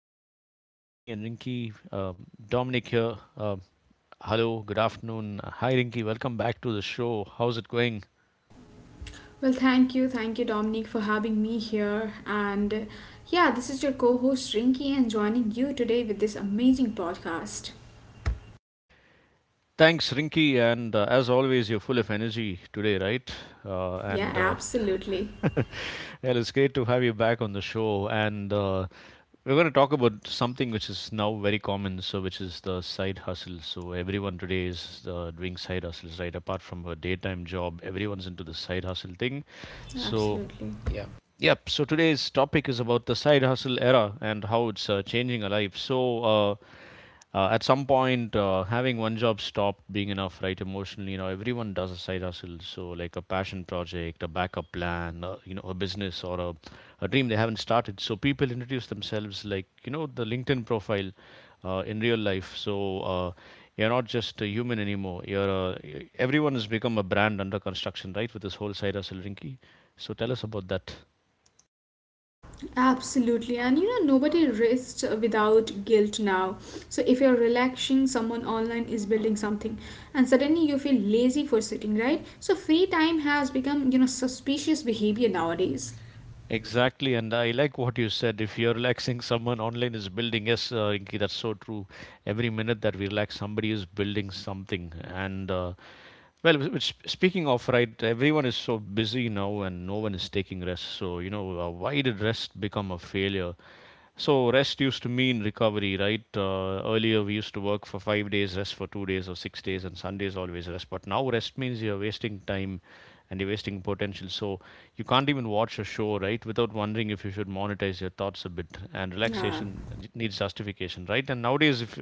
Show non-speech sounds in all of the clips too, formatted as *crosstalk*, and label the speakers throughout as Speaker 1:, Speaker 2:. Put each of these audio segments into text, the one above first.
Speaker 1: show. It's me and Rinky. Dominic here. Hello, good afternoon. Hi, Rinky. Welcome back to the show. How's it going?
Speaker 2: Well, thank you. Thank you, Dominic, for having me here. And yeah, this is your co host, Rinky, and joining you today with this amazing podcast.
Speaker 1: Thanks, Rinky. And as always, you're full of energy today, right?
Speaker 2: Yeah,
Speaker 1: And
Speaker 2: absolutely.
Speaker 1: *laughs* Well, it's great to have you back on the show. And We're going to talk about something which is now very common, so which is the side hustle. So everyone today is doing side hustles, right? Apart from a daytime job, everyone's into the side hustle thing. So
Speaker 2: Absolutely.
Speaker 1: yeah, yep. So today's topic is about the side hustle era and how it's changing our lives. At some point, having one job stopped being enough, right? Emotionally, you know, everyone does a side hustle, so like a passion project, a backup plan, you know, a business, a dream they haven't started. So people introduce themselves like, you know, the LinkedIn profile in real life. You're not just a human anymore. Everyone has become a brand under construction, right? With this whole side hustle, Rinky, so tell us about that.
Speaker 2: Absolutely. And you know, nobody rests without guilt now. So if you're relaxing, someone online is building something, and suddenly you feel lazy for sitting, right? So free time has become, you know, suspicious behavior nowadays.
Speaker 1: Exactly, and I like what you said. If you're relaxing, someone online is building. Yes, Rinki, that's so true. Every minute that we relax, somebody is building something. And Well, which, speaking of, right, everyone is so busy now, and no one is taking rest. So you know, why did rest become a failure? So rest used to mean recovery, right? Earlier we used to work for 5 days, rest for 2 days or 6 days, and Sundays always rest. But now rest means you're wasting time and you're wasting potential. So you can't even watch a show, right, without wondering if you should monetize your thoughts a bit. And
Speaker 2: Yeah.
Speaker 1: relaxation needs justification, right? And nowadays, if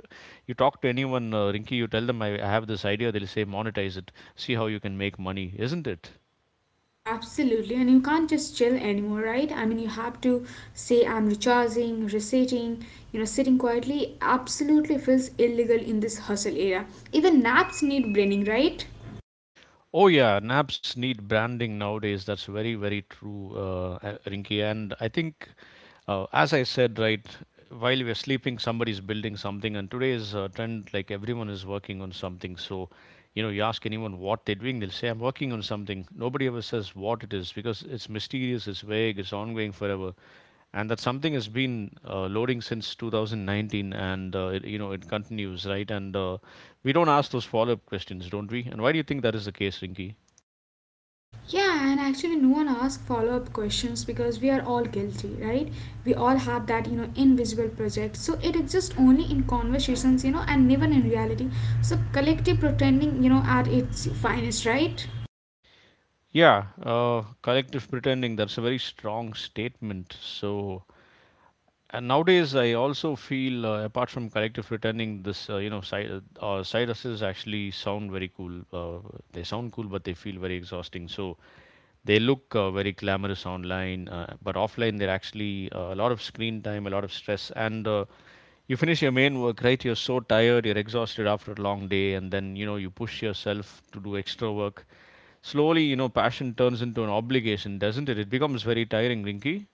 Speaker 1: you talk to anyone, Rinky, you tell them I have this idea, they'll say monetize it, see how you can make money, isn't it?
Speaker 2: Absolutely, and you can't just chill anymore, right? I mean, you have to say, I'm recharging, resetting, you know, sitting quietly absolutely feels illegal in this hustle era. Even naps need braining, right?
Speaker 1: Oh yeah, naps need branding nowadays. That's very very true. And I think As I said, right, while we're sleeping, somebody's building something, and today's trend, like everyone is working on something. So, you know, you ask anyone what they're doing, they'll say, I'm working on something. Nobody ever says what it is because it's mysterious, it's vague, it's ongoing forever. And that something has been loading since 2019, and, it, you know, it continues, right? And we don't ask those follow up questions, don't we? And why do you think that is the case, Rinki?
Speaker 2: Yeah, and actually, no one asks follow up questions because we are all guilty, right? We all have that, you know, invisible project. So it exists only in conversations, you know, and never in reality. So collective pretending, you know, at its finest, right?
Speaker 1: Yeah, collective pretending, that's a very strong statement. So, and nowadays, I also feel, apart from collective returning, this, you know, side hustles actually sound very cool. They sound cool, but they feel very exhausting. So they look very glamorous online, but offline they're actually a lot of screen time, a lot of stress, and you finish your main work, right? You're so tired, you're exhausted after a long day, and then you know you push yourself to do extra work. Slowly, you know, passion turns into an obligation, doesn't it? It becomes very tiring, Rinky.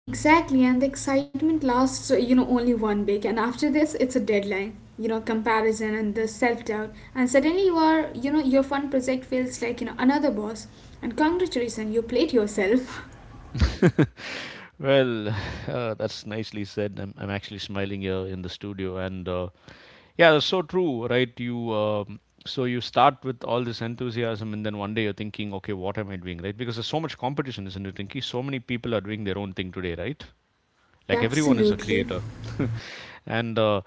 Speaker 2: Exactly, and the excitement lasts, you know, only 1 week, and after this, it's a deadline. You know, comparison and the self-doubt, and suddenly you are, you know, your fun project feels like you know another boss, and congratulations, you played yourself.
Speaker 1: *laughs* Well, *laughs* that's nicely said. I'm actually smiling here in the studio, and yeah, that's so true, right? You So you start with all this enthusiasm, and then one day you're thinking, okay, what am I doing, right? Because there's so much competition, isn't it, Rinky? So many people are doing their own thing today, right?
Speaker 2: *laughs* Yeah,
Speaker 1: Like everyone is
Speaker 2: absolutely,
Speaker 1: a creator, and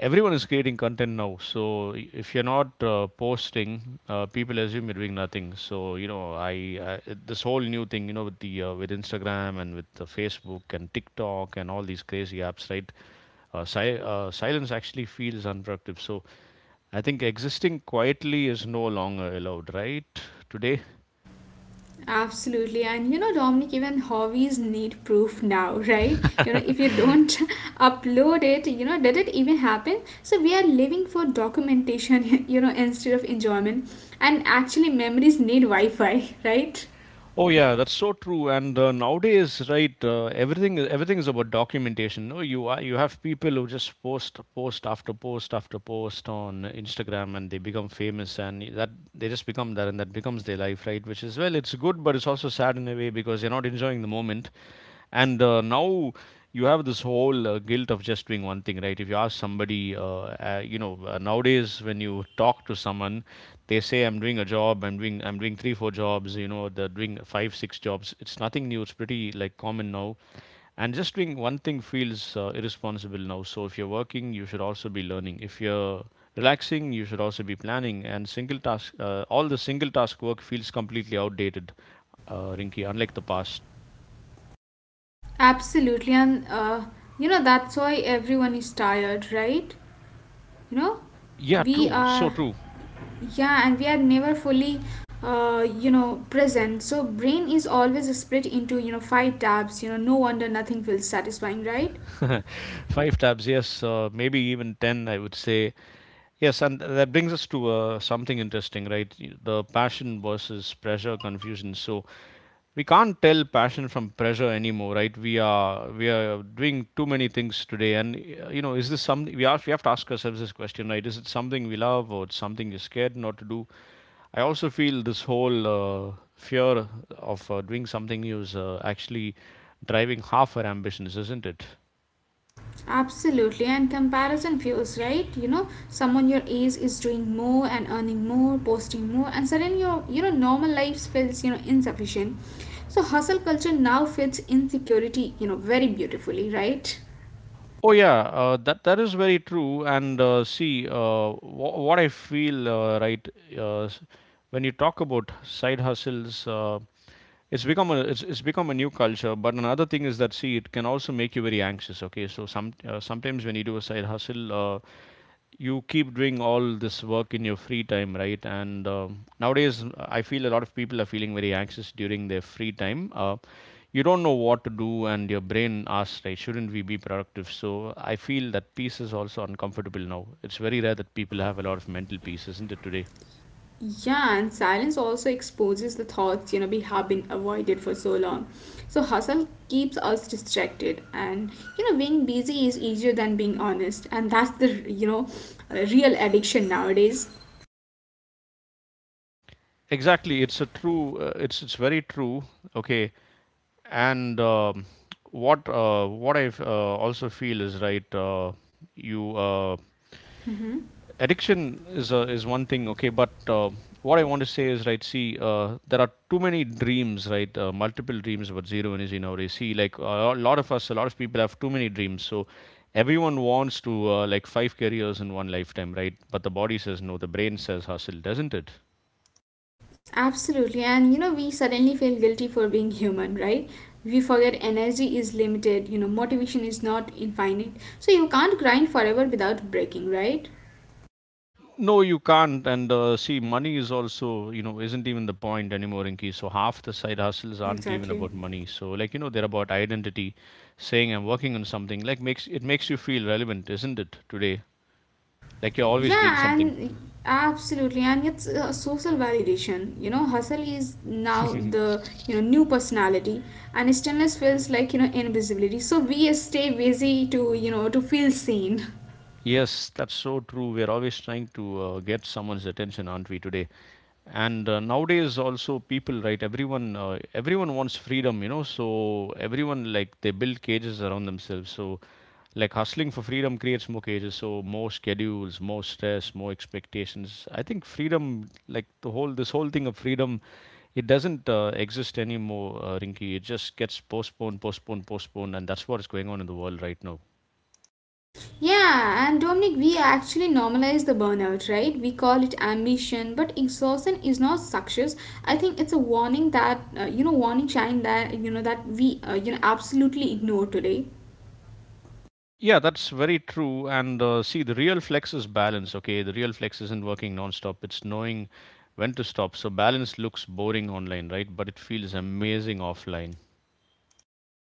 Speaker 1: everyone is creating content now. So if you're not posting, people assume you're doing nothing. So you know, I, this whole new thing, you know, with the, with Instagram and with, Facebook and TikTok and all these crazy apps, right? Silence actually feels unproductive. So I think existing quietly is no longer allowed, right, today.
Speaker 2: absolutely, and you know, Dominic, even hobbies need proof now, *laughs* right? You know, if you don't
Speaker 1: *laughs*
Speaker 2: *laughs* upload it, you know, did it even happen? So we are living for documentation, *laughs* you know, instead of enjoyment, and actually, memories need Wi-Fi, *laughs* right?
Speaker 1: Oh yeah, that's so true. And nowadays, right, everything is about documentation. No, you are, you have people who just post after post after post on Instagram, and they become famous, and that they just become that, and that becomes their life, right? Which is, well, it's good, but it's also sad in a way because you're not enjoying the moment. And now you have this whole guilt of just doing one thing, right? If you ask somebody, you know, nowadays when you talk to someone, they say, "I'm doing a job. I'm doing three, four jobs. You know, they're doing five, six jobs. It's nothing new. It's pretty like common now. And just doing one thing feels irresponsible now. So if you're working, you should also be learning. If you're relaxing, you should also be planning, and single task all the single task work feels completely outdated, Rinky, unlike the past.
Speaker 2: Absolutely, and you know that's why everyone is tired, right? You know,
Speaker 1: Yeah,
Speaker 2: we
Speaker 1: true, so
Speaker 2: are,
Speaker 1: true.
Speaker 2: yeah, and we are never fully, you know, present. So brain is always split into you know five tabs. You know, no wonder nothing feels satisfying, right?
Speaker 1: *laughs* Five tabs, yes, maybe even 10, I would say. Yes, and that brings us to something interesting, right? The passion versus pressure confusion. So we can't tell passion from pressure anymore, right? We are doing too many things today, and you know, is this something we have? We have to ask ourselves this question, right? Is it something we love or it's something you're scared not to do? I also feel this whole fear of doing something new is actually driving half our ambitions, isn't it?
Speaker 2: Absolutely, and comparison fuels, right? You know, someone your age is doing more and earning more, posting more, and suddenly your you know normal life feels you know insufficient. So hustle culture now fits insecurity, you know, very beautifully, right?
Speaker 1: Oh yeah, that is very true. And see, what I feel, right, uh, s- when you talk about side hustles, it's become a new culture. But another thing is that, see, it can also make you very anxious. Okay, so sometimes when you do a side hustle, you keep doing all this work in your free time, right? And um, nowadays, I feel a lot of people are feeling very anxious during their free time. You don't know what to do, and your brain asks, right? Shouldn't we be productive? So I feel that peace is also uncomfortable now. It's very rare that people have a lot of mental peace, isn't it, today?
Speaker 2: Yeah, and silence also exposes the thoughts you know we have been avoided for so long. So hustle keeps us distracted, and you know being busy is easier than being honest, and that's the you know real addiction nowadays.
Speaker 1: Exactly, it's a true, it's very true. Okay, and what I also feel is right, you addiction is one thing, okay, but what I want to say is, right, see, there are too many dreams, right? Multiple dreams about zero energy nowadays. See, like a lot of people have too many dreams. So everyone wants to, like, five careers in one lifetime, right? But the body says no, the brain says hustle, doesn't it?
Speaker 2: Absolutely. And you know, we suddenly feel guilty for being human, right? We forget energy is limited, you know, motivation is not infinite. So you can't grind forever without breaking, right?
Speaker 1: No, you can't. And see, money is also, you know, isn't even the point anymore, Inky. So half the side hustles aren't even
Speaker 2: Exactly.
Speaker 1: about money. So like, you know, they're about identity. Saying I'm working on something like makes you feel relevant, isn't it? Today, like you're always doing
Speaker 2: Yeah,
Speaker 1: something.
Speaker 2: and absolutely. And it's a social validation. You know, hustle is now the,
Speaker 1: *laughs*
Speaker 2: you know, new personality and stillness feels like, you know, invisibility. So we stay busy to, you know, to feel seen. *laughs*
Speaker 1: Yes, that's so true. We're always trying to get someone's attention, aren't we, today? And nowadays, also people, right? Everyone wants freedom, you know. So everyone, like, they build cages around themselves. So like hustling for freedom creates more cages. So more schedules, more stress, more expectations. I think freedom, like the whole this whole thing of freedom, it doesn't exist anymore, Rinky. It just gets postponed, postponed, postponed, and that's what is going on in the world right now.
Speaker 2: Yeah, and Dominic, we actually normalize the burnout, right? We call it ambition, but exhaustion is not success. I think it's a warning that you know, warning sign that you know that we you know absolutely ignore today.
Speaker 1: Yeah, that's very true. And see, the real flex is balance. Okay, the real flex isn't working nonstop. It's knowing when to stop. So balance looks boring online, right, but it feels amazing offline.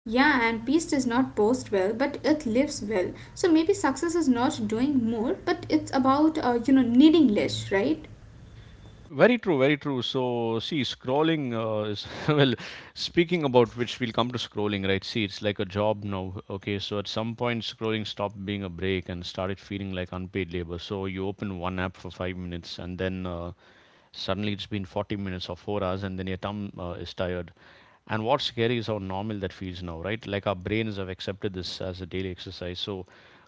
Speaker 2: Yeah, and peace does not post well, but it lives well. So maybe success is not doing more, but it's about you know needing less, right?
Speaker 1: Very true, very true. So, see, scrolling *laughs* well, speaking about which, we'll come to scrolling, right? See, it's like a job now. Okay, so at some point, scrolling stopped being a break and started feeling like unpaid labor. So, you open one app for 5 minutes and then suddenly it's been 40 minutes or 4 hours, and then your thumb is tired. And what's scary is how normal that feels now, right? Like our brains have accepted this as a daily exercise. So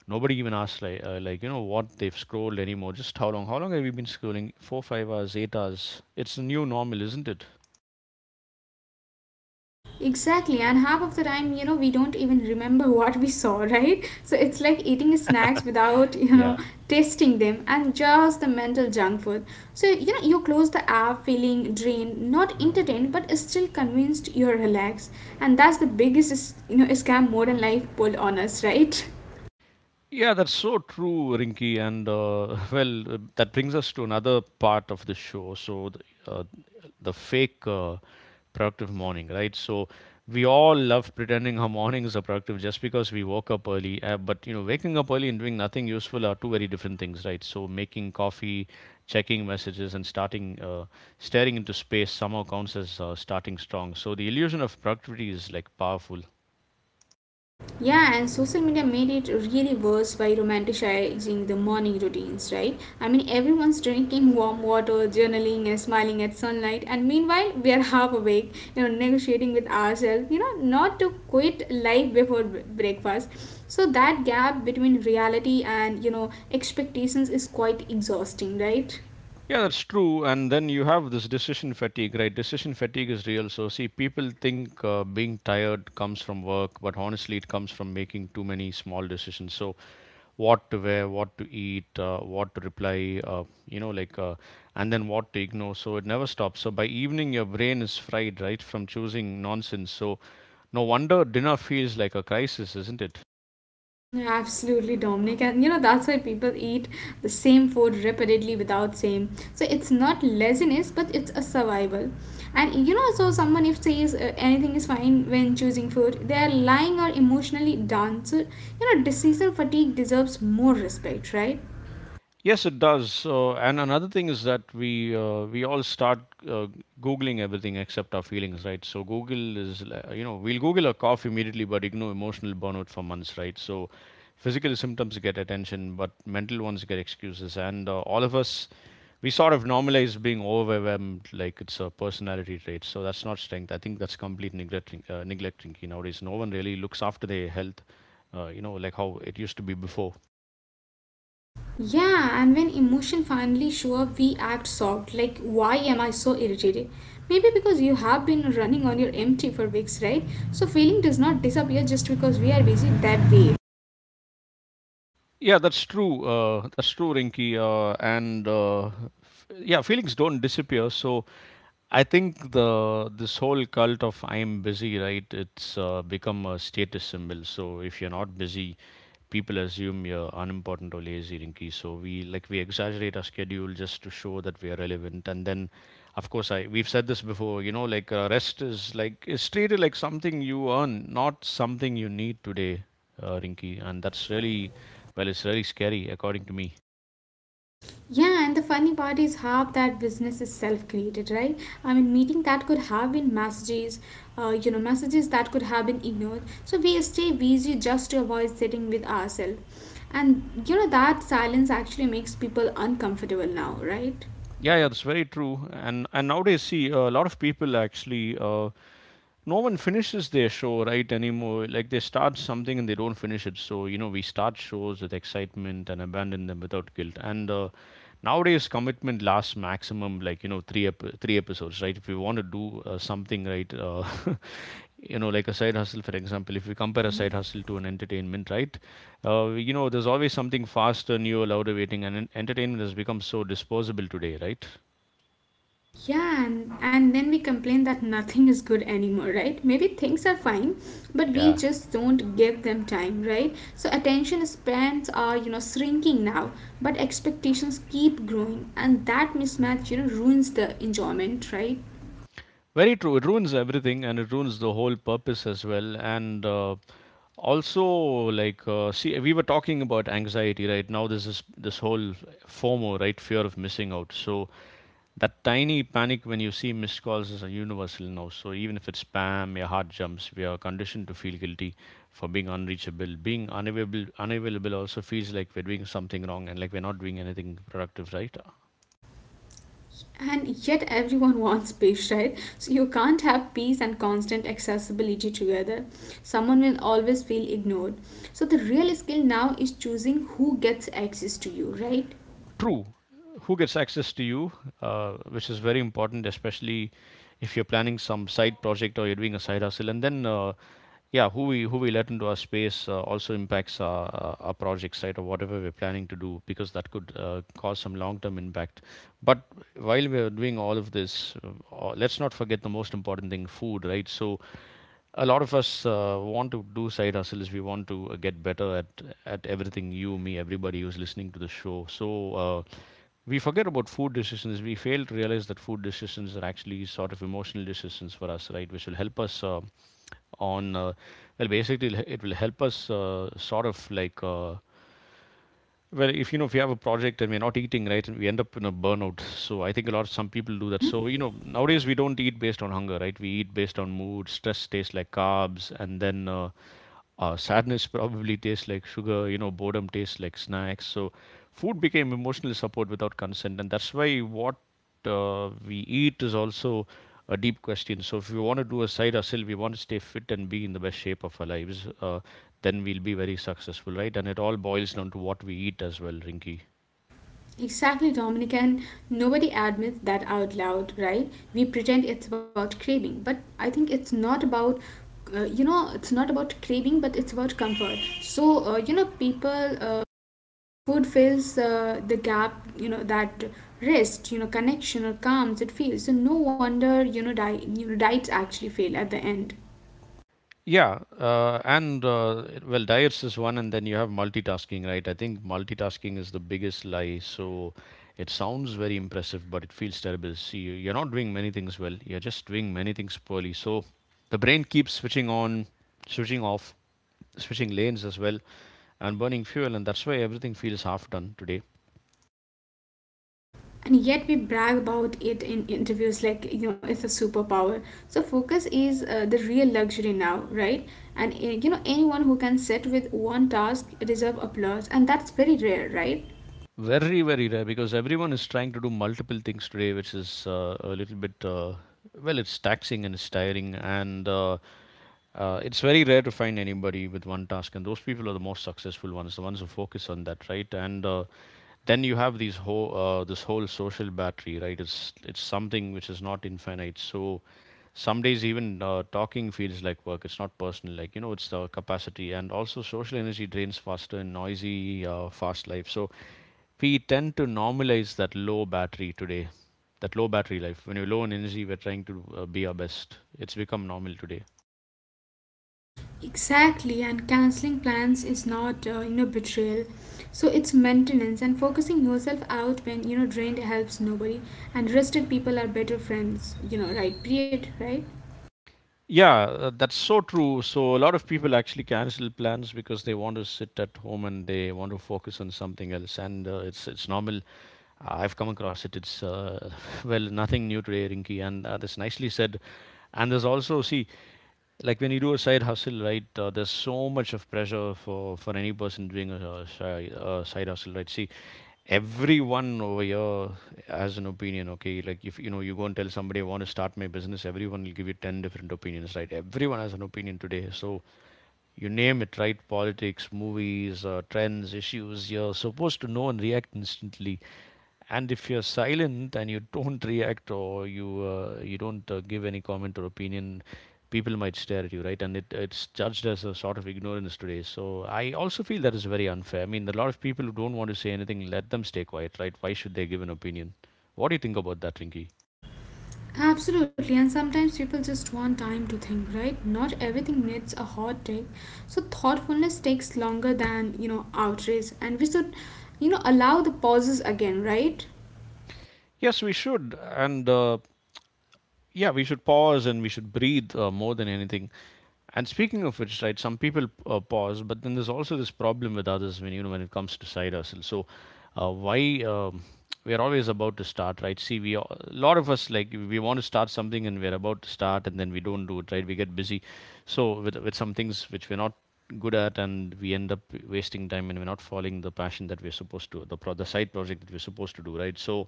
Speaker 1: nobody even asks, like, like, you know, what they've scrolled anymore. Just how long? How long have you been scrolling? Four, 5 hours, 8 hours. It's the new normal, isn't it?
Speaker 2: Exactly, and half of the time, you know, we don't even remember *laughs* what we saw, right? So it's like eating snacks without, you
Speaker 1: Yeah.
Speaker 2: know, tasting them and just the mental junk food. So, you know, you close the app feeling drained, not entertained, but still convinced you're relaxed. And that's the biggest, you know, scam modern life pull on us, *laughs* right?
Speaker 1: Yeah, that's so true, Rinky. And *laughs* Well, that brings us to another part of the show. So the, uh, the fake productive morning, right? So we all love pretending our mornings are productive just because we woke up early. But you know, waking up early and doing nothing useful are two very different things, right? So making coffee, checking messages, and starting staring into space somehow counts as starting strong. So the illusion of productivity is like powerful.
Speaker 2: Yeah, and social media made it really worse by romanticizing the morning routines, right? I mean, everyone's drinking warm water, journaling, and smiling at sunlight, and meanwhile, we are half awake, you know, negotiating with ourselves, you know, not to quit life before breakfast. So, that gap between reality and, you know, expectations is quite exhausting, right?
Speaker 1: Yeah, that's true. And then you have this decision fatigue, right? Decision fatigue is real. So, see, people think being tired comes from work, but honestly, it comes from making too many small decisions. So, what to wear, what to eat, what to reply, and then what to ignore. So it never stops. So by evening, your brain is fried, right, from choosing nonsense. So no wonder dinner feels like a crisis, isn't it?
Speaker 2: Mm, absolutely, Dominic. And you know, that's why people eat the same food repeatedly without same. So it's not laziness, but it's a survival. And you know, so someone if says anything is fine when choosing food, they are lying or emotionally done. So, you know, decision fatigue deserves more respect, right?
Speaker 1: Yes, it does. So, and another thing is that we all start uh, googling everything except our feelings, right? So you know, we'll Google a cough immediately, but ignore emotional burnout for months, right? So physical symptoms get attention, but mental ones get excuses, and all of us we sort of normalize being overwhelmed like it's a personality trait. So that's not strength. I think that's complete neglecting. Neglecting nowadays, no one really looks after their health, you know, like how it used to be before.
Speaker 2: Yeah, and when emotion finally show up, we act shocked. Like, why am I so irritated? Maybe because you have been running on your empty for weeks, right? So feeling does not disappear just because we are busy that way.
Speaker 1: That's true, Rinky. Yeah, feelings don't disappear. So I think the this whole cult of I'm busy, right, it's become a status symbol. So if you're not busy, people assume you're unimportant or lazy, Rinky. So we like we exaggerate our schedule just to show that we are relevant. And then, of course, I we've said this before. You know, like rest is treated like something you earn, not something you need today, Rinky. And that's really, well, it's really scary according to me.
Speaker 2: Yeah, and the funny part is half that business is self-created, right? I mean, meeting that could have been messages, you know, messages that could have been ignored. So we stay busy just to avoid sitting with ourselves. And you know, that silence actually makes people uncomfortable now, right?
Speaker 1: Yeah, yeah, that's very true. And nowadays, see, a lot of people actually. No one finishes their show right anymore. Like they start something and they don't finish it. So you know, we start shows with excitement and abandon them without guilt, and nowadays commitment lasts maximum, like, you know, three episodes, right? If we want to do something, right. *laughs* You know, like a side hustle, for example. If we compare a side hustle to an entertainment, right, you know, there's always something faster, newer, louder waiting, and entertainment has become so disposable today, right?
Speaker 2: Yeah, and then we complain that nothing is good anymore, right? Maybe things are fine, but we
Speaker 1: Yeah,
Speaker 2: just don't give them time, right? So attention spans are, you know, shrinking now, but expectations keep growing, and that mismatch, you know, ruins the enjoyment, right?
Speaker 1: very true. It ruins everything and it ruins the whole purpose as well. And also, see, we were talking about anxiety, right? Now, this is this whole FOMO, right? Fear of missing out. So that tiny panic when you see missed calls is a universal now. So even if it's spam, your heart jumps. We are conditioned to feel guilty for being unreachable. Being unavailable, also feels like we're doing something wrong and like we're not doing anything productive, right?
Speaker 2: And yet everyone *laughs* wants peace, right? So you can't have peace and constant accessibility together. Someone will always feel ignored. So the real skill now is choosing who gets access to you, right?
Speaker 1: True. Who gets access to you, which is very important, especially if you're planning some side project or you're doing a side hustle. And then, yeah, who we let into our space also impacts project site or whatever we're planning to do, because that could cause some long-term impact. But while we're doing all of this, uh, let's not forget the most important thing: food, right? So a lot of us want to do side hustles. We want to get better at everything. You, me, everybody who's listening to the show. So uh, we forget about food decisions. We fail to realize that food decisions are actually sort of emotional decisions for us, right? Which will help us on well, basically help us sort of like. Well, if you know, if you have a project and we're not eating, right, and we end up in a burnout. So I think a lot of some people do that. So, you know, nowadays we don't eat based on hunger, right? We eat based on mood. Stress tastes like carbs. And then sadness probably tastes like sugar, you know, boredom tastes like snacks. So food became emotional support without consent, and that's why what we eat is also a deep question. So if we want to do a side hustle, we want to stay fit and be in the best shape of our lives, then we'll be very successful, right? And it all boils down to what we eat as well, Rinky.
Speaker 2: Exactly, Dominic, and nobody admits that out loud, right? We pretend it's about craving, but I think it's not about, you know, it's not about craving, but it's about comfort. So, you know, people, uh, food fills the gap, you know, that rest, you know, connection or calms it feels. So, no wonder, you know, you know, diets actually fail at the end.
Speaker 1: Yeah, well, diets is one, and then you have multitasking, right? I think multitasking is the biggest lie. So it sounds very impressive, but it feels terrible. See, you're not doing many things well. You're just doing many things poorly. So the brain keeps switching on, switching off, switching lanes as well, and burning fuel, and that's why everything feels half done today.
Speaker 2: And yet we brag about it in interviews like you know it's a superpower. So focus is the real luxury now, right? And you know anyone who can sit with one task deserve applause, and that's very rare, right?
Speaker 1: Very, very rare because everyone is trying to do multiple things today, which is well, it's taxing and it's tiring, and it's very rare to find anybody with one task, and those people are the most successful ones, the ones who focus on that, right? And then you have these whole this whole social battery, right? It's something which is not infinite. So some days even talking feels like work. It's not personal, like you know, it's the capacity, and also social energy drains faster in noisy, fast life. So we tend to normalize that low battery today, that low battery life. When you're low in energy, we're trying to be our best. It's become normal today.
Speaker 2: Exactly, and canceling plans is not, you know, betrayal. So it's maintenance, and focusing yourself out when you know drained helps nobody, and rested people are better friends, you know, right? Period. Right.
Speaker 1: Yeah, that's so true. So a lot of people actually cancel plans because they want to sit at home and they want to focus on something else, and it's normal. I've come across it. It's *laughs* well, nothing new today, Rinky, and that's nicely said. And there's also see, like when you do a side hustle, right? There's so much of pressure for any person doing a side hustle, right? See, everyone over here has an opinion. Okay, like if you know you go and tell somebody I want to start my business, everyone will give you 10 different opinions, right? Everyone has an opinion today. So you name it, right? Politics, movies, trends, issues, you're supposed to know and react instantly. And if you're silent and you don't *laughs* react, or you you don't give any comment or opinion, people might stare at you, right? And it's judged as a sort of ignorance today. So I also feel that is very unfair. I mean, a lot of people who don't want to say anything, let them stay quiet, right? Why should they give an opinion? What do you think about that, Rinky?
Speaker 2: Absolutely, and sometimes people just want time to think, right? Not everything needs a hot take. So thoughtfulness takes longer than, you know, outrage, and we should, you know, allow the pauses again, right?
Speaker 1: Yes, we should. And yeah, we should pause and we should breathe more than anything. And speaking of which, right, some people pause, but then there's also this problem with others when you know when it comes to side hustle. So, why we are always about to start, right? See, we a lot of us like we want to start something and we're about to start, and then we don't do it, right? We get busy, so with some things which we're not good at, and we end up wasting time, and we're not following the passion that we're supposed to, the side project that we're supposed to do, right? So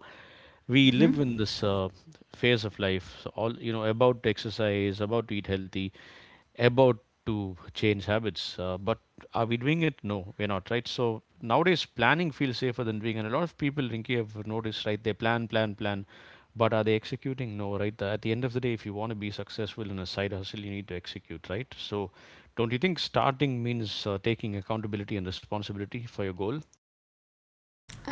Speaker 1: we live
Speaker 2: Hmm.
Speaker 1: in this phase of life. So all, you know, about to exercise, about to eat healthy, about to change habits, but are we doing it? No, we're not, right? So nowadays, planning feels safer than doing, and a lot of people, Rinki, have noticed, right? They plan, plan, plan, but are they executing? No, right? At the end of the day, if you want to be successful in a side hustle, you need to execute, right? So don't you think starting means taking accountability and responsibility for your goal?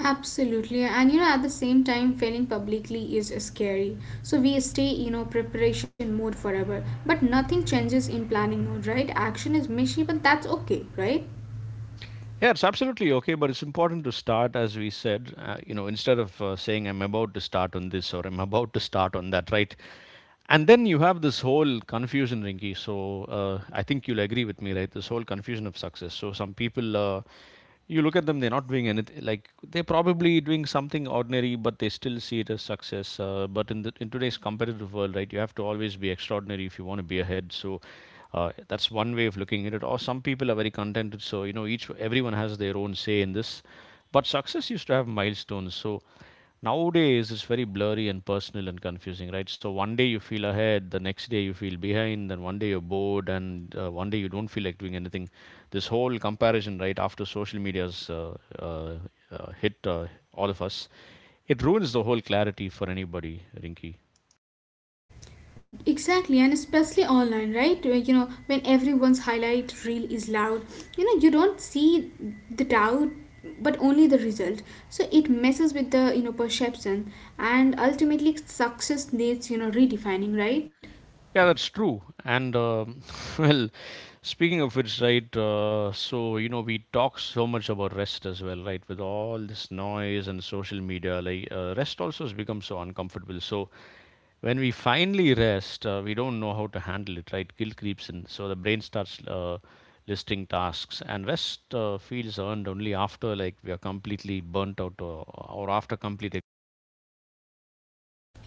Speaker 2: Absolutely, and you know, at the same time, failing publicly is scary. So we stay, you know, preparation mode forever. But nothing changes in planning mode, right? Action is messy, but that's okay, right?
Speaker 1: Yeah, it's absolutely okay, but it's important to start, as we said, you know, instead of saying I'm about to start on this or I'm about to start on that, right? And then you have this whole confusion, Rinky. So I think you'll agree with me, right? This whole confusion of success. So some people, you look at them, they're not doing anything. Like they're probably doing something ordinary, but they still see it as success. But in today's competitive world, right, you have to always be extraordinary if you want to be ahead. So that's one way of looking at it. Or some people are very contented. So you know, each everyone has their own say in this. But success used to have milestones. So nowadays, it's very blurry and personal and confusing, right? So one day you feel ahead, the next day you feel behind, and one day you're bored, and one day you don't feel like doing anything. This whole comparison, right, after social media's hit all of us, it ruins the whole clarity for anybody, Rinky.
Speaker 2: Exactly, and especially online, right? Where, you know, when everyone's highlight reel is loud, you know, you don't see the doubt, but only the result. So it messes with the, you know, perception, and ultimately success needs, you know, redefining, right?
Speaker 1: Yeah, that's true. And *laughs* well, speaking of which, right? So you know, we talk so much about rest as well, right? With all this noise and social media, like rest also has become so uncomfortable. So when we finally rest, we don't know how to handle it, right? Guilt creeps in, so the brain starts listing tasks, and rest feels earned only after like we are completely burnt out or after complete. Ex-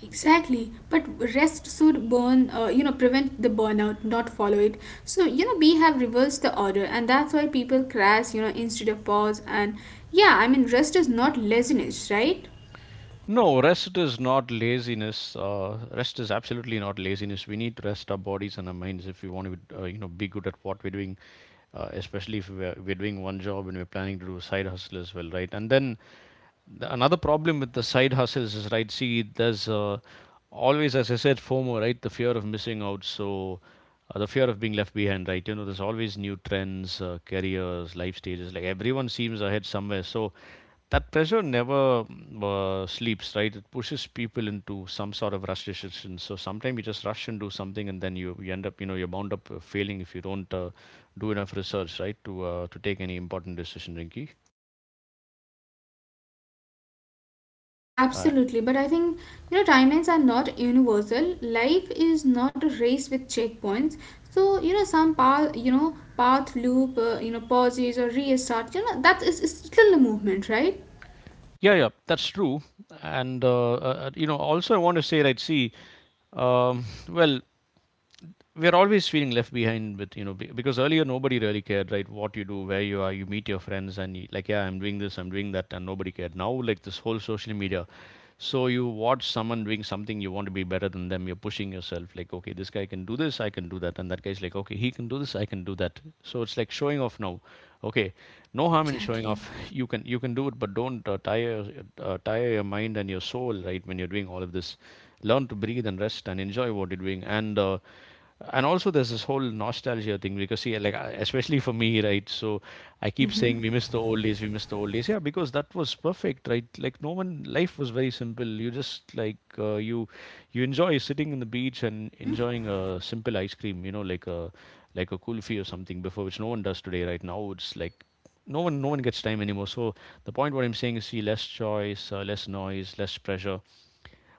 Speaker 2: Exactly, but rest should burn, you know, prevent the burnout, not follow it. So you know, we have reversed the order, and that's why people crash, you know, instead of pause. And yeah, I mean, rest is not laziness, right?
Speaker 1: No, rest is not laziness. Rest is absolutely not laziness. We need to rest our bodies and our minds if we want to, you know, be good at what we're doing. Especially if we're doing one job and we're planning to do side hustle as well, right? And then another problem with the side hustles is, right, see, there's always, as I said, FOMO, right? The fear of missing out. So the fear of being left behind, right? You know, there's always new trends, careers, life stages, like everyone seems ahead somewhere. So that pressure never sleeps, right? It pushes people into some sort of rush decision. So sometimes you just rush and do something, and then you end up, you know, you're bound up failing if you don't do enough research, right, to take any important decision, Rinky.
Speaker 2: Absolutely, but I think you know timelines are not universal. Life is not a race with checkpoints. So you know some path, you know path loop, you know pauses or restart. You know that is still a movement, right?
Speaker 1: Yeah, yeah, that's true. And you know, also I want to say, right? See, well, we're always feeling left behind with, you know, because earlier nobody really cared, right, what you do, where you are. You meet your friends and like, yeah, I'm doing this, I'm doing that, and nobody cared. Now, like this whole social media, so you watch someone doing something, you want to be better than them. You're pushing yourself like, okay, this guy can do this, I can do that, and that guy's like, okay, he can do this, I can do that. So it's like showing off now. Okay, no harm in showing
Speaker 2: Exactly.
Speaker 1: off. *laughs* You can, you can do it, but don't tire, tire your mind and your soul, right, when you're doing all of this. Learn to breathe and rest and enjoy what you're doing. And and also there's this whole nostalgia thing, because see, like especially for me, right? So I keep saying we miss the old days, we miss the old days. Yeah, because that was perfect, right? Like no one, life was very simple. You just like, you, you enjoy sitting in the beach and
Speaker 2: Mm-hmm.
Speaker 1: enjoying a simple ice cream, you know, like a, like a kulfi or something, before which no one does today, right? Now it's like no one gets time anymore. So the point what I'm saying is, see, less choice, less noise, less pressure.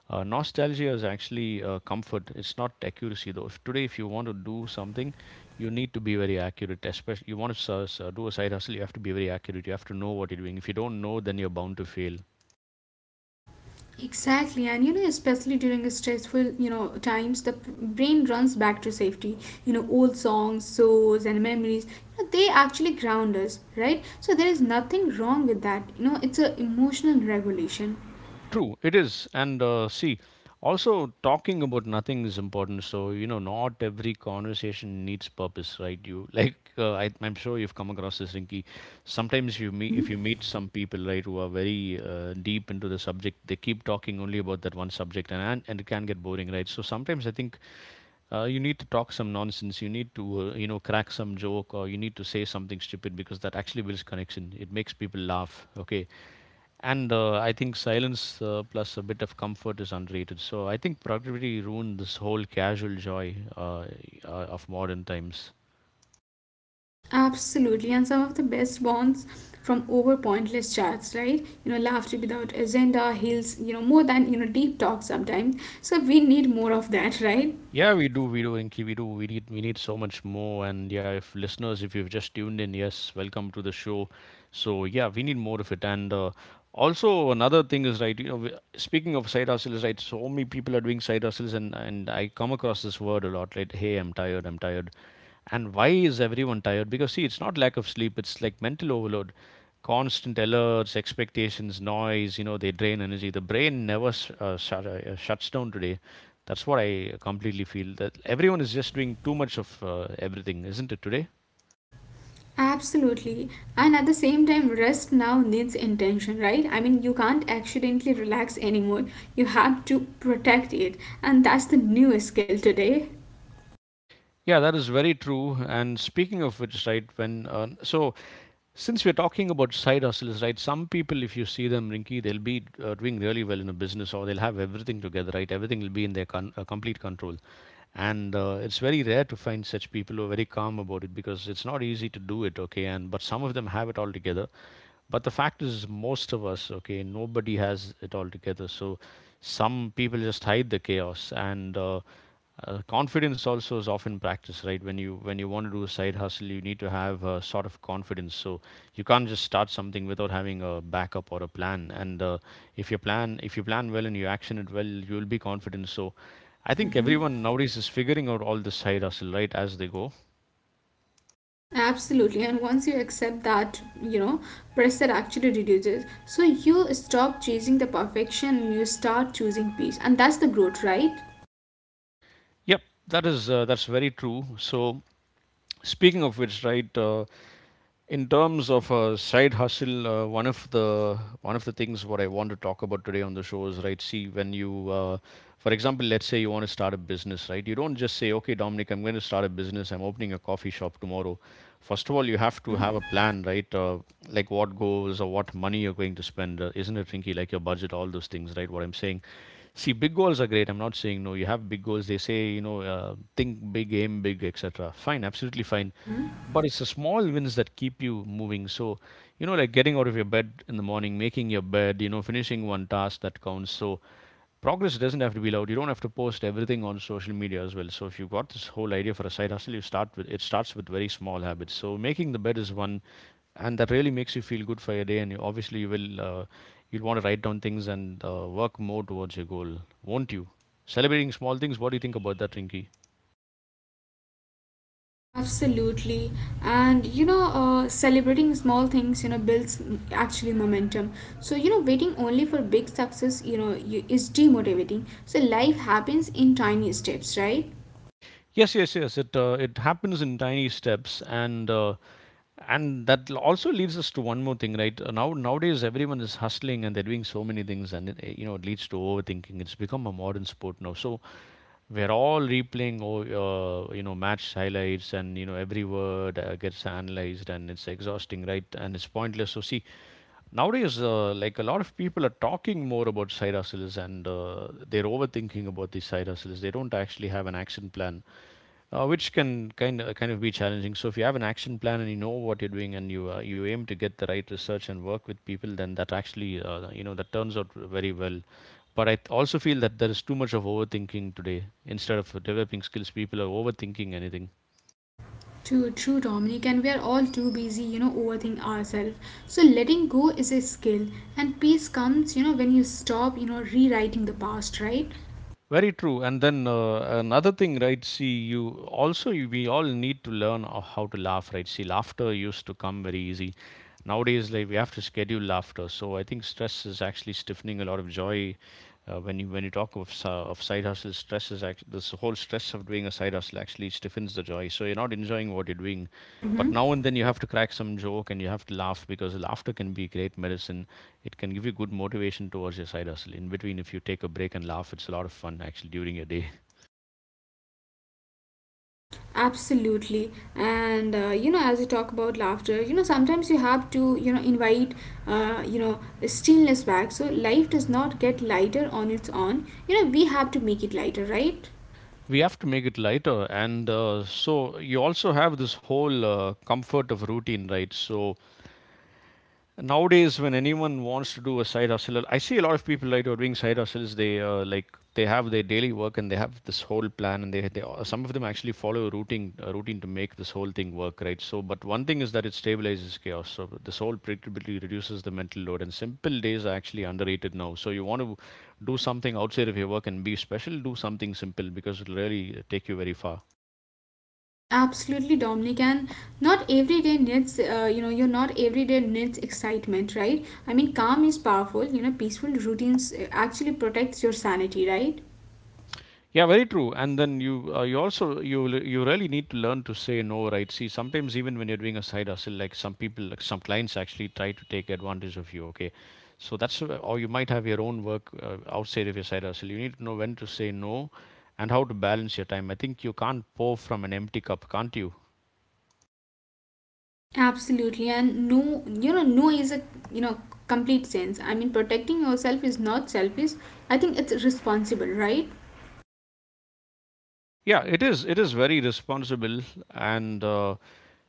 Speaker 1: Uh, nostalgia is actually comfort. It's not accuracy though. If today, if you want to do something, you need to be very accurate. Especially, you want to do a side hustle, you have to be very accurate. You have to know what you're doing. If you don't know, then you're bound to fail.
Speaker 2: Exactly, and you know, especially during a stressful, you know, times, the brain runs back to safety. You know, old songs, shows, and memories. You know, they actually ground us, right? So there is nothing wrong with that. You know, it's a emotional regulation.
Speaker 1: True, it is. And see, also talking about nothing is important. So, you know, not every conversation needs purpose, right? You like, I'm sure you've come across this, Rinky. Sometimes you meet, if you meet some people, right, who are very deep into the subject, they keep talking only about that one subject, and it can get boring, right? So sometimes I think you need to talk some nonsense. You need to, you know, crack some joke, or you need to say something stupid, because that actually builds connection. It makes people laugh. Okay, and I think silence plus a bit of comfort is underrated. So I think productivity ruined this whole casual joy of modern times.
Speaker 2: Absolutely, and some of the best bonds from over pointless chats, right? You know, laughter without agenda heals, you know, more than, you know, deep talk sometimes. So we need more of that, *laughs* right?
Speaker 1: Yeah, we do, Inky, we do. We need so much more. And yeah, if listeners, if you've just tuned in, yes, welcome to the show. So yeah, we need more of it. And also another thing is, right? You know, speaking of side hustles, right? So many people are doing side hustles, and I come across this word a lot. Like, hey, I'm tired, I'm tired. And why is everyone tired? Because see, it's not lack of sleep, it's like mental overload. Constant alerts, expectations, noise, you know, they drain energy. The brain never shuts down today. That's what I completely feel, that everyone is just doing too much of everything, isn't it today?
Speaker 2: Absolutely. And at the same time, rest now needs intention, right? I mean, you can't accidentally relax anymore. You have to protect it. And that's the new skill today.
Speaker 1: Yeah, that is very true. And speaking of which, right, when so since we're talking about side hustles, right, some people, if you see them, Rinky, they'll be doing really well in a business, or they'll have everything together, right? Everything will be in their complete control. And it's very rare to find such people who are very calm about it, because it's not easy to do it. Okay, and but some of them have it all together, but the fact is most of us, okay, nobody has it all together. So some people just hide the chaos, and confidence also is often practiced, right? When you want to do a side hustle, you need to have a sort of confidence. So you can't just start something without having a backup or a plan. And if you plan well and you action it well, you will be confident. So I think everyone nowadays is figuring out all this side hustle, right, as they go.
Speaker 2: Absolutely, and once you accept that, you know, pressure actually reduces. So you stop chasing the perfection and you start choosing peace, and that's the growth, right?
Speaker 1: Yep, that is that's very true. So speaking of which, right? In terms of a side hustle, one of the things what I want to talk about today on the show is, right. See, when you, for example, let's say you want to start a business, right? You don't just say, okay, Dominic, I'm going to start a business. I'm opening a coffee shop tomorrow. First of all, you have to have a
Speaker 2: Hmm.
Speaker 1: plan, right? Like what goals or what money you're going to spend, isn't it, Rinky? Like your budget, all those things, right? What I'm saying. See, big goals are great. I'm not saying no. You have big goals. They say, you know, think big, aim big, etc. Fine, absolutely fine.
Speaker 2: Hmm.
Speaker 1: But it's the small wins that keep you moving. So, you know, like getting out of your bed in the morning, making your bed, you know, finishing one task that counts. So, progress doesn't have to be loud. You don't have to post everything on social media as well. So if you've got this whole idea for a side hustle, you start with it starts with very small habits. So making the bed is one, and that really makes you feel good for your day. And you, obviously, you will you'll want to write down things and work more towards your goal, won't you? Celebrating small things. What do you think about that, Rinky?
Speaker 2: Absolutely, and you know, celebrating small things, you know, builds mm, actually momentum. So you know, waiting only for big success, you know, you, is demotivating. So life happens in tiny steps, right?
Speaker 1: Yes, yes, yes. It it happens in tiny steps, and that also leads us to one more thing, right. Nowadays everyone is hustling and they're doing so many things, and it, you know, it leads to overthinking. It's become a modern sport now. So we're all replaying, you know, match highlights, and you know every word gets analyzed, and it's exhausting, right? And it's pointless. So see, nowadays like a lot of people are talking more about side hustles, and they're overthinking about these side hustles. They don't actually have an action plan, which can kind of be challenging. So if you have an action plan and you know what you're doing, and you you aim to get the right research and work with people, then that actually you know, that turns out very well. But I also feel that there is too much of overthinking today. Instead of developing skills, people are overthinking anything.
Speaker 2: True, true, Dominic, and we are all too busy, you know, overthink ourselves. So letting go is a skill, and peace comes, you know, when you stop, you know, rewriting the past, right?
Speaker 1: Very true. And then another thing, right? See, you also we all need to learn how to laugh, right? See, laughter used to come very easy. Nowadays, like we have to schedule laughter. So I think stress is actually stiffening a lot of joy. When you talk of side hustle, stress is actually this whole stress of doing a side hustle actually stiffens the joy. So you're not enjoying what you're doing, but
Speaker 2: Hmm.
Speaker 1: now and then you have to crack some joke and you have to laugh because laughter can be great medicine. It can give you good motivation towards your side hustle. In between, if you take a break and laugh, it's a lot of fun actually during your day. *laughs*
Speaker 2: Absolutely, and you know, as we talk about laughter, you know, sometimes you have to, you know, invite, you know, stillness back. So life does not get lighter on its own. You know, we have to make it lighter, right?
Speaker 1: We have to make it lighter, and so you also have this whole comfort of routine, right? So nowadays when anyone wants to do a side hustle, I see a lot of people like who are doing side hustles, they like they have their daily work and they have this whole plan, and they some of them actually follow a routine, a routine to make this whole thing work, right? So but one thing is that it stabilizes chaos. So this whole predictability reduces the mental load, and simple days are actually underrated now. So you want to do something outside of your work and be special, do something simple because it'll really take you very far.
Speaker 2: Absolutely, Dominic, and not every day needs, you know, you're not every day needs excitement, right? I mean, calm is powerful, you know, peaceful routines actually protects your sanity, right?
Speaker 1: Yeah, very true. And then you you also you l- you really need to learn to say no, right? See, sometimes even when you're doing a side hustle, like some people, like some clients actually try to take advantage of you. Okay, so that's or you might have your own work outside of your side hustle. You need to know when to say no, and how to balance your time. I think you can't pour from an empty cup, can't you?
Speaker 2: Absolutely, and no, you know, no is a, you know, complete sense. I mean, protecting yourself is not selfish, I think it's responsible, right?
Speaker 1: Yeah, it is. It is very responsible, and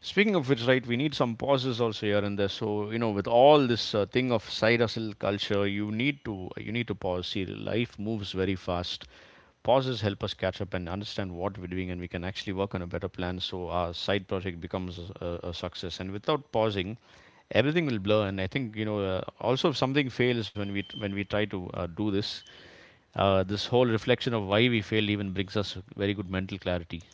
Speaker 1: speaking of which, right, we need some pauses also here and there. So you know, with all this thing of side hustle culture, you need to pause. See, life moves very fast. Pauses help us catch up and understand what we're doing, and we can actually work on a better plan. So our side project becomes a success. And without pausing, everything will blur. And I think you know, also if something fails when we try to do this, this whole reflection of why we failed even brings us very good mental clarity.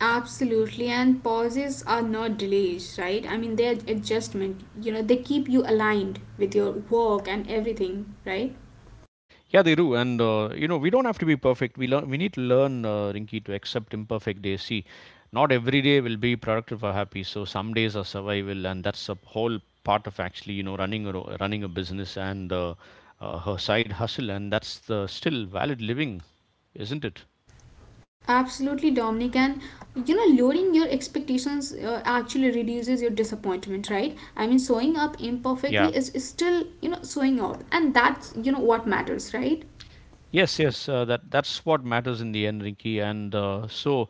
Speaker 2: Absolutely, and pauses are not delays, right? I mean, they're adjustment, you know, they keep you aligned with your work and everything, right?
Speaker 1: Yeah, they do, and you know we don't have to be perfect. We learn. We need to learn, Rinky, to accept imperfect days. See, not every day will be productive or happy. So some days are survival, and that's a whole part of actually you know running running a business and her side hustle, and that's the still valid living, isn't it?
Speaker 2: Absolutely, Dominic. And you know, lowering your expectations actually reduces your disappointment, right? I mean, showing up
Speaker 1: Yeah.
Speaker 2: imperfectly is still, you know, showing up, and that's, you know, what matters, right?
Speaker 1: Yes, yes. That's what matters in the end, Rinky. And so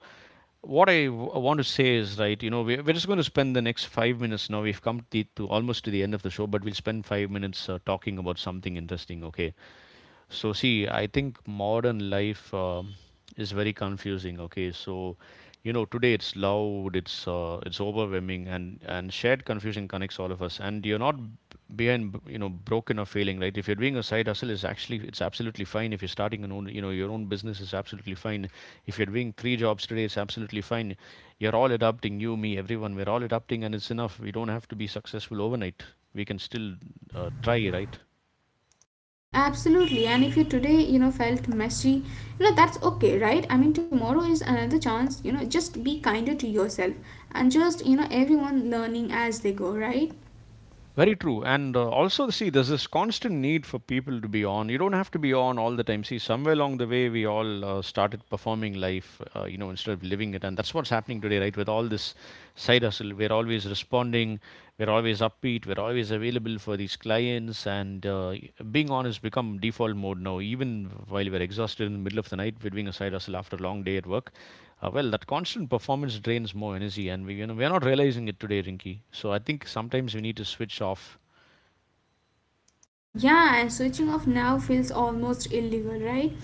Speaker 1: what want to say is right. You know, we're just going to spend the next 5 minutes now. We've come to, to almost to the end of the show, but we'll spend 5 minutes talking about something interesting. Okay, so, see, I think modern life is very confusing. Okay, so you know, today it's loud, it's overwhelming, and shared confusion connects all of us. And you're not behind, you know, broken or failing, right? If you're doing a side hustle, it's absolutely fine. If you're starting an own, you know, your own business is absolutely fine. If you're doing 3 jobs today, it's absolutely fine. You're all adapting, you, me, everyone. We're all adapting, and it's enough. We don't have to be successful overnight. We can still try, right?
Speaker 2: Absolutely. And if you today, you know, felt messy, you know, that's okay, right? I mean, tomorrow is another chance, you know, just be kinder to yourself and just, you know, everyone learning as they go, right?
Speaker 1: Very true. And also, see, there's this constant need for people to be on. You don't have to be on all the time. See, somewhere along the way, we all started performing life, you know, instead of living it. And that's what's happening today, right? With all this side hustle, we're always responding, we're always upbeat, we're always available for these clients. And being on has become default mode now. Even while we're exhausted in the middle of the night, we're doing a side hustle after a long day at work. That constant performance drains more energy, and we you know we're not realizing it today, Rinki. So I think sometimes we need to switch off.
Speaker 2: Yeah, and switching off now feels almost illegal, right?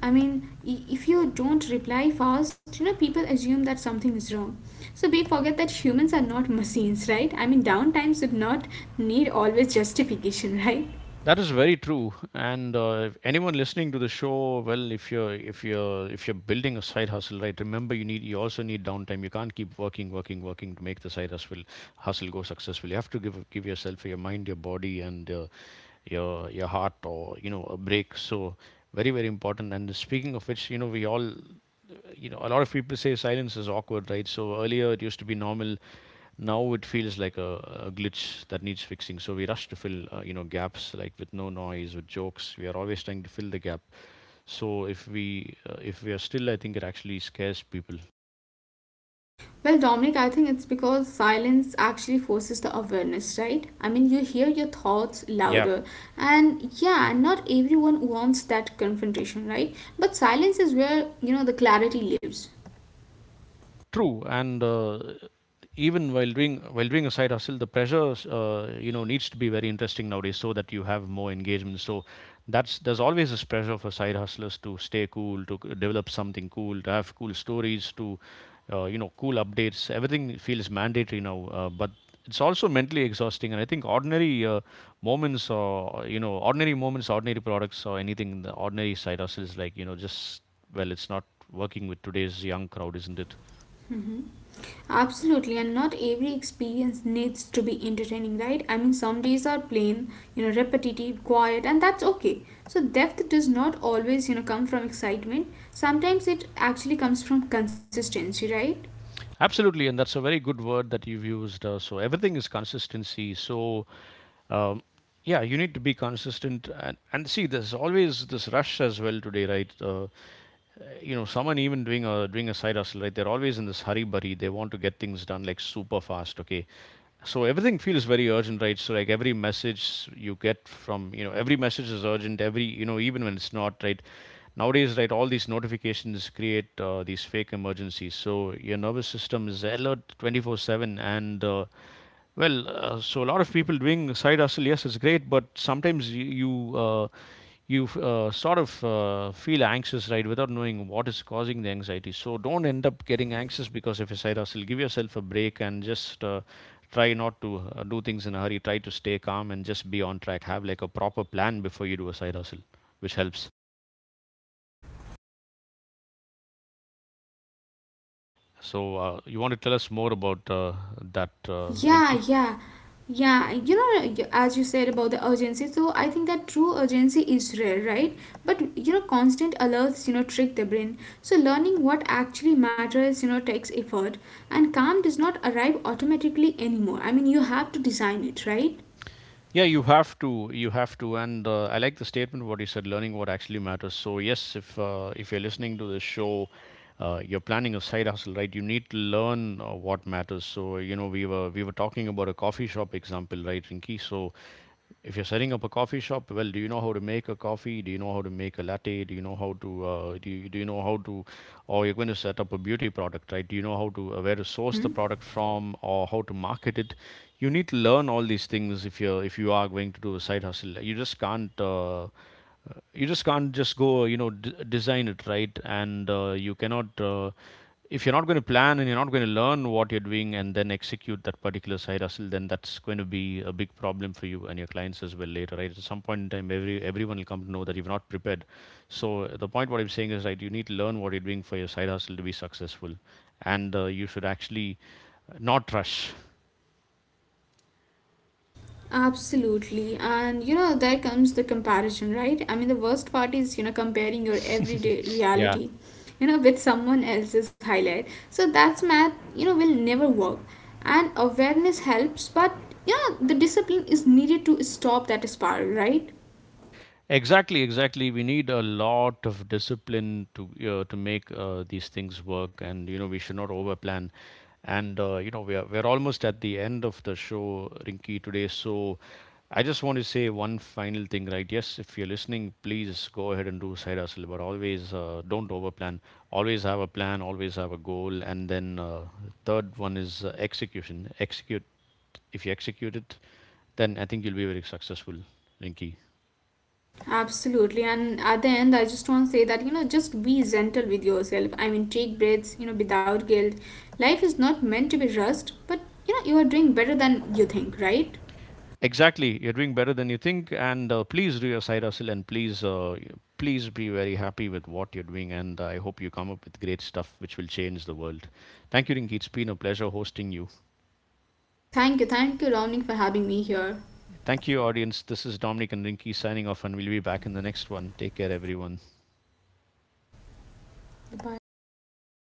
Speaker 2: I mean, if you don't reply fast, you know, people assume that something is wrong. So we forget that humans are not *laughs* machines, right? I mean, downtime should not need always justification, *laughs* right?
Speaker 1: That is very true. And if anyone listening to the show, well, if you're building a side hustle, right? Remember, you also need downtime. You can't keep working, working, working to make the side hustle hustle go successful. You have to give yourself your mind, your body, and your heart, or you know, a break. So very, very important. And speaking of which, you know, we all, you know, a lot of people say silence is awkward, right? So earlier it used to be normal. Now it feels like a glitch that needs fixing. So we rush to fill you know gaps, like with no noise, with jokes, we are always trying to fill the gap. So if we are still, I think it actually scares people.
Speaker 2: Well, Dominic, I think it's because silence actually forces the awareness, right? I mean, you hear your thoughts
Speaker 1: Yeah,
Speaker 2: louder. And yeah, not everyone wants that confrontation, right? But silence is where, you know, the clarity lives.
Speaker 1: true, and even while doing a side hustle, the pressure you know needs to be very interesting nowadays, so that you have more engagement. So that's there's always this pressure for side hustlers to stay cool, to develop something cool, to have cool stories, to you know cool updates. Everything feels mandatory now, but it's also mentally exhausting. And I think ordinary moments, or you know, ordinary moments, ordinary products, or anything, the ordinary side hustles, like you know, just well, it's not working with today's young crowd, isn't it?
Speaker 2: Absolutely, and not every experience needs to be entertaining, right? I mean, some days are plain, you know, repetitive, quiet, and that's okay. So, depth does not always, you know, come from excitement. Sometimes it actually comes from consistency, right?
Speaker 1: Absolutely, and that's a very good word that you've used. So everything is consistency. So um, yeah, you need to be consistent, and see there's always this rush as well today, right? You know, someone even doing a side hustle, right? They're always in this hurry burry. They want to get things done like super fast. Okay, so everything feels very urgent, right? So like every message you get from you know every message is urgent. Every you know even when it's not, right? Nowadays, right, all these notifications create these fake emergencies. So your nervous system is alert 24/7, and so a lot of people doing side hustle, yes, it's great, but sometimes you sort of feel anxious, right, without knowing what is causing the anxiety. So don't end up getting anxious because of your side hustle. Give yourself a break and just try not to do things in a hurry. Try to stay calm and just be on track. Have like a proper plan before you do a side hustle, which helps. So you want to tell us more about that,
Speaker 2: Yeah,
Speaker 1: Rinki?
Speaker 2: yeah, yeah. You know, as you said about the urgency, so I think that true urgency is rare, right? But you know, constant alerts, you know, trick the brain. So learning what actually matters, you know, takes effort, and calm does not arrive automatically anymore. I mean, you have to design it, right?
Speaker 1: Yeah, you have to, and I like the statement what you said, learning what actually matters. So yes, if you're listening to this show, you're planning a side hustle, right? You need to learn what matters. So you know we were talking about a coffee shop example, right, Rinki? So if you're setting up a coffee shop, well, do you know how to make a coffee? Do you know how to make a latte? Do you know how to do you know how to, or you're going to set up a beauty product, right? Do you know how to where to source the
Speaker 2: Mm-hmm.
Speaker 1: product from or how to market it? You need to learn all these things if you're if you are going to do a side hustle. You just can't. You just can't just go you know design it right, and you cannot, if you're not going to plan and you're not going to learn what you're doing and then execute that particular side hustle, then that's going to be a big problem for you and your clients as well later, right? At some point in time, everyone will come to know that you've not prepared. So the point what I'm saying is right, you need to learn what you're doing for your side hustle to be successful, and you should actually not rush.
Speaker 2: Absolutely. And you know, there comes the comparison, right? I mean, the worst part is, you know, comparing your everyday
Speaker 1: *laughs* Yeah.
Speaker 2: reality, you know, with someone else's highlight. So that's math, you know, will never work. And awareness helps, but you know, the discipline is needed to stop that spiral, right?
Speaker 1: Exactly, exactly. We need a lot of discipline to make these things work, and you know we should not overplan. And you know we're almost at the end of the show, Rinky, today. So I just want to say one final thing, right? Yes, if you're listening, please go ahead and do side hustle, but always don't overplan. Always have a plan. Always have a goal. And then third one is execution. Execute. If you execute it, then I think you'll be very successful, Rinky.
Speaker 2: Absolutely. And at the end, I just want to say that, you know, just be gentle with yourself. I mean, take breaths, you know, without guilt. Life is not meant to be rushed, but you know, you are doing better than you think, right?
Speaker 1: Exactly, you're doing better than you think, and please do your side hustle, and please, please be very happy with what you're doing, and I hope you come up with great stuff which will change the world. Thank you, Rinky. It's been a pleasure hosting you.
Speaker 2: Thank you, Dominic, for having me here.
Speaker 1: Thank you, audience. This is Dominic and Rinki signing off, and we'll be back in the next one. Take care, everyone.
Speaker 2: Bye bye.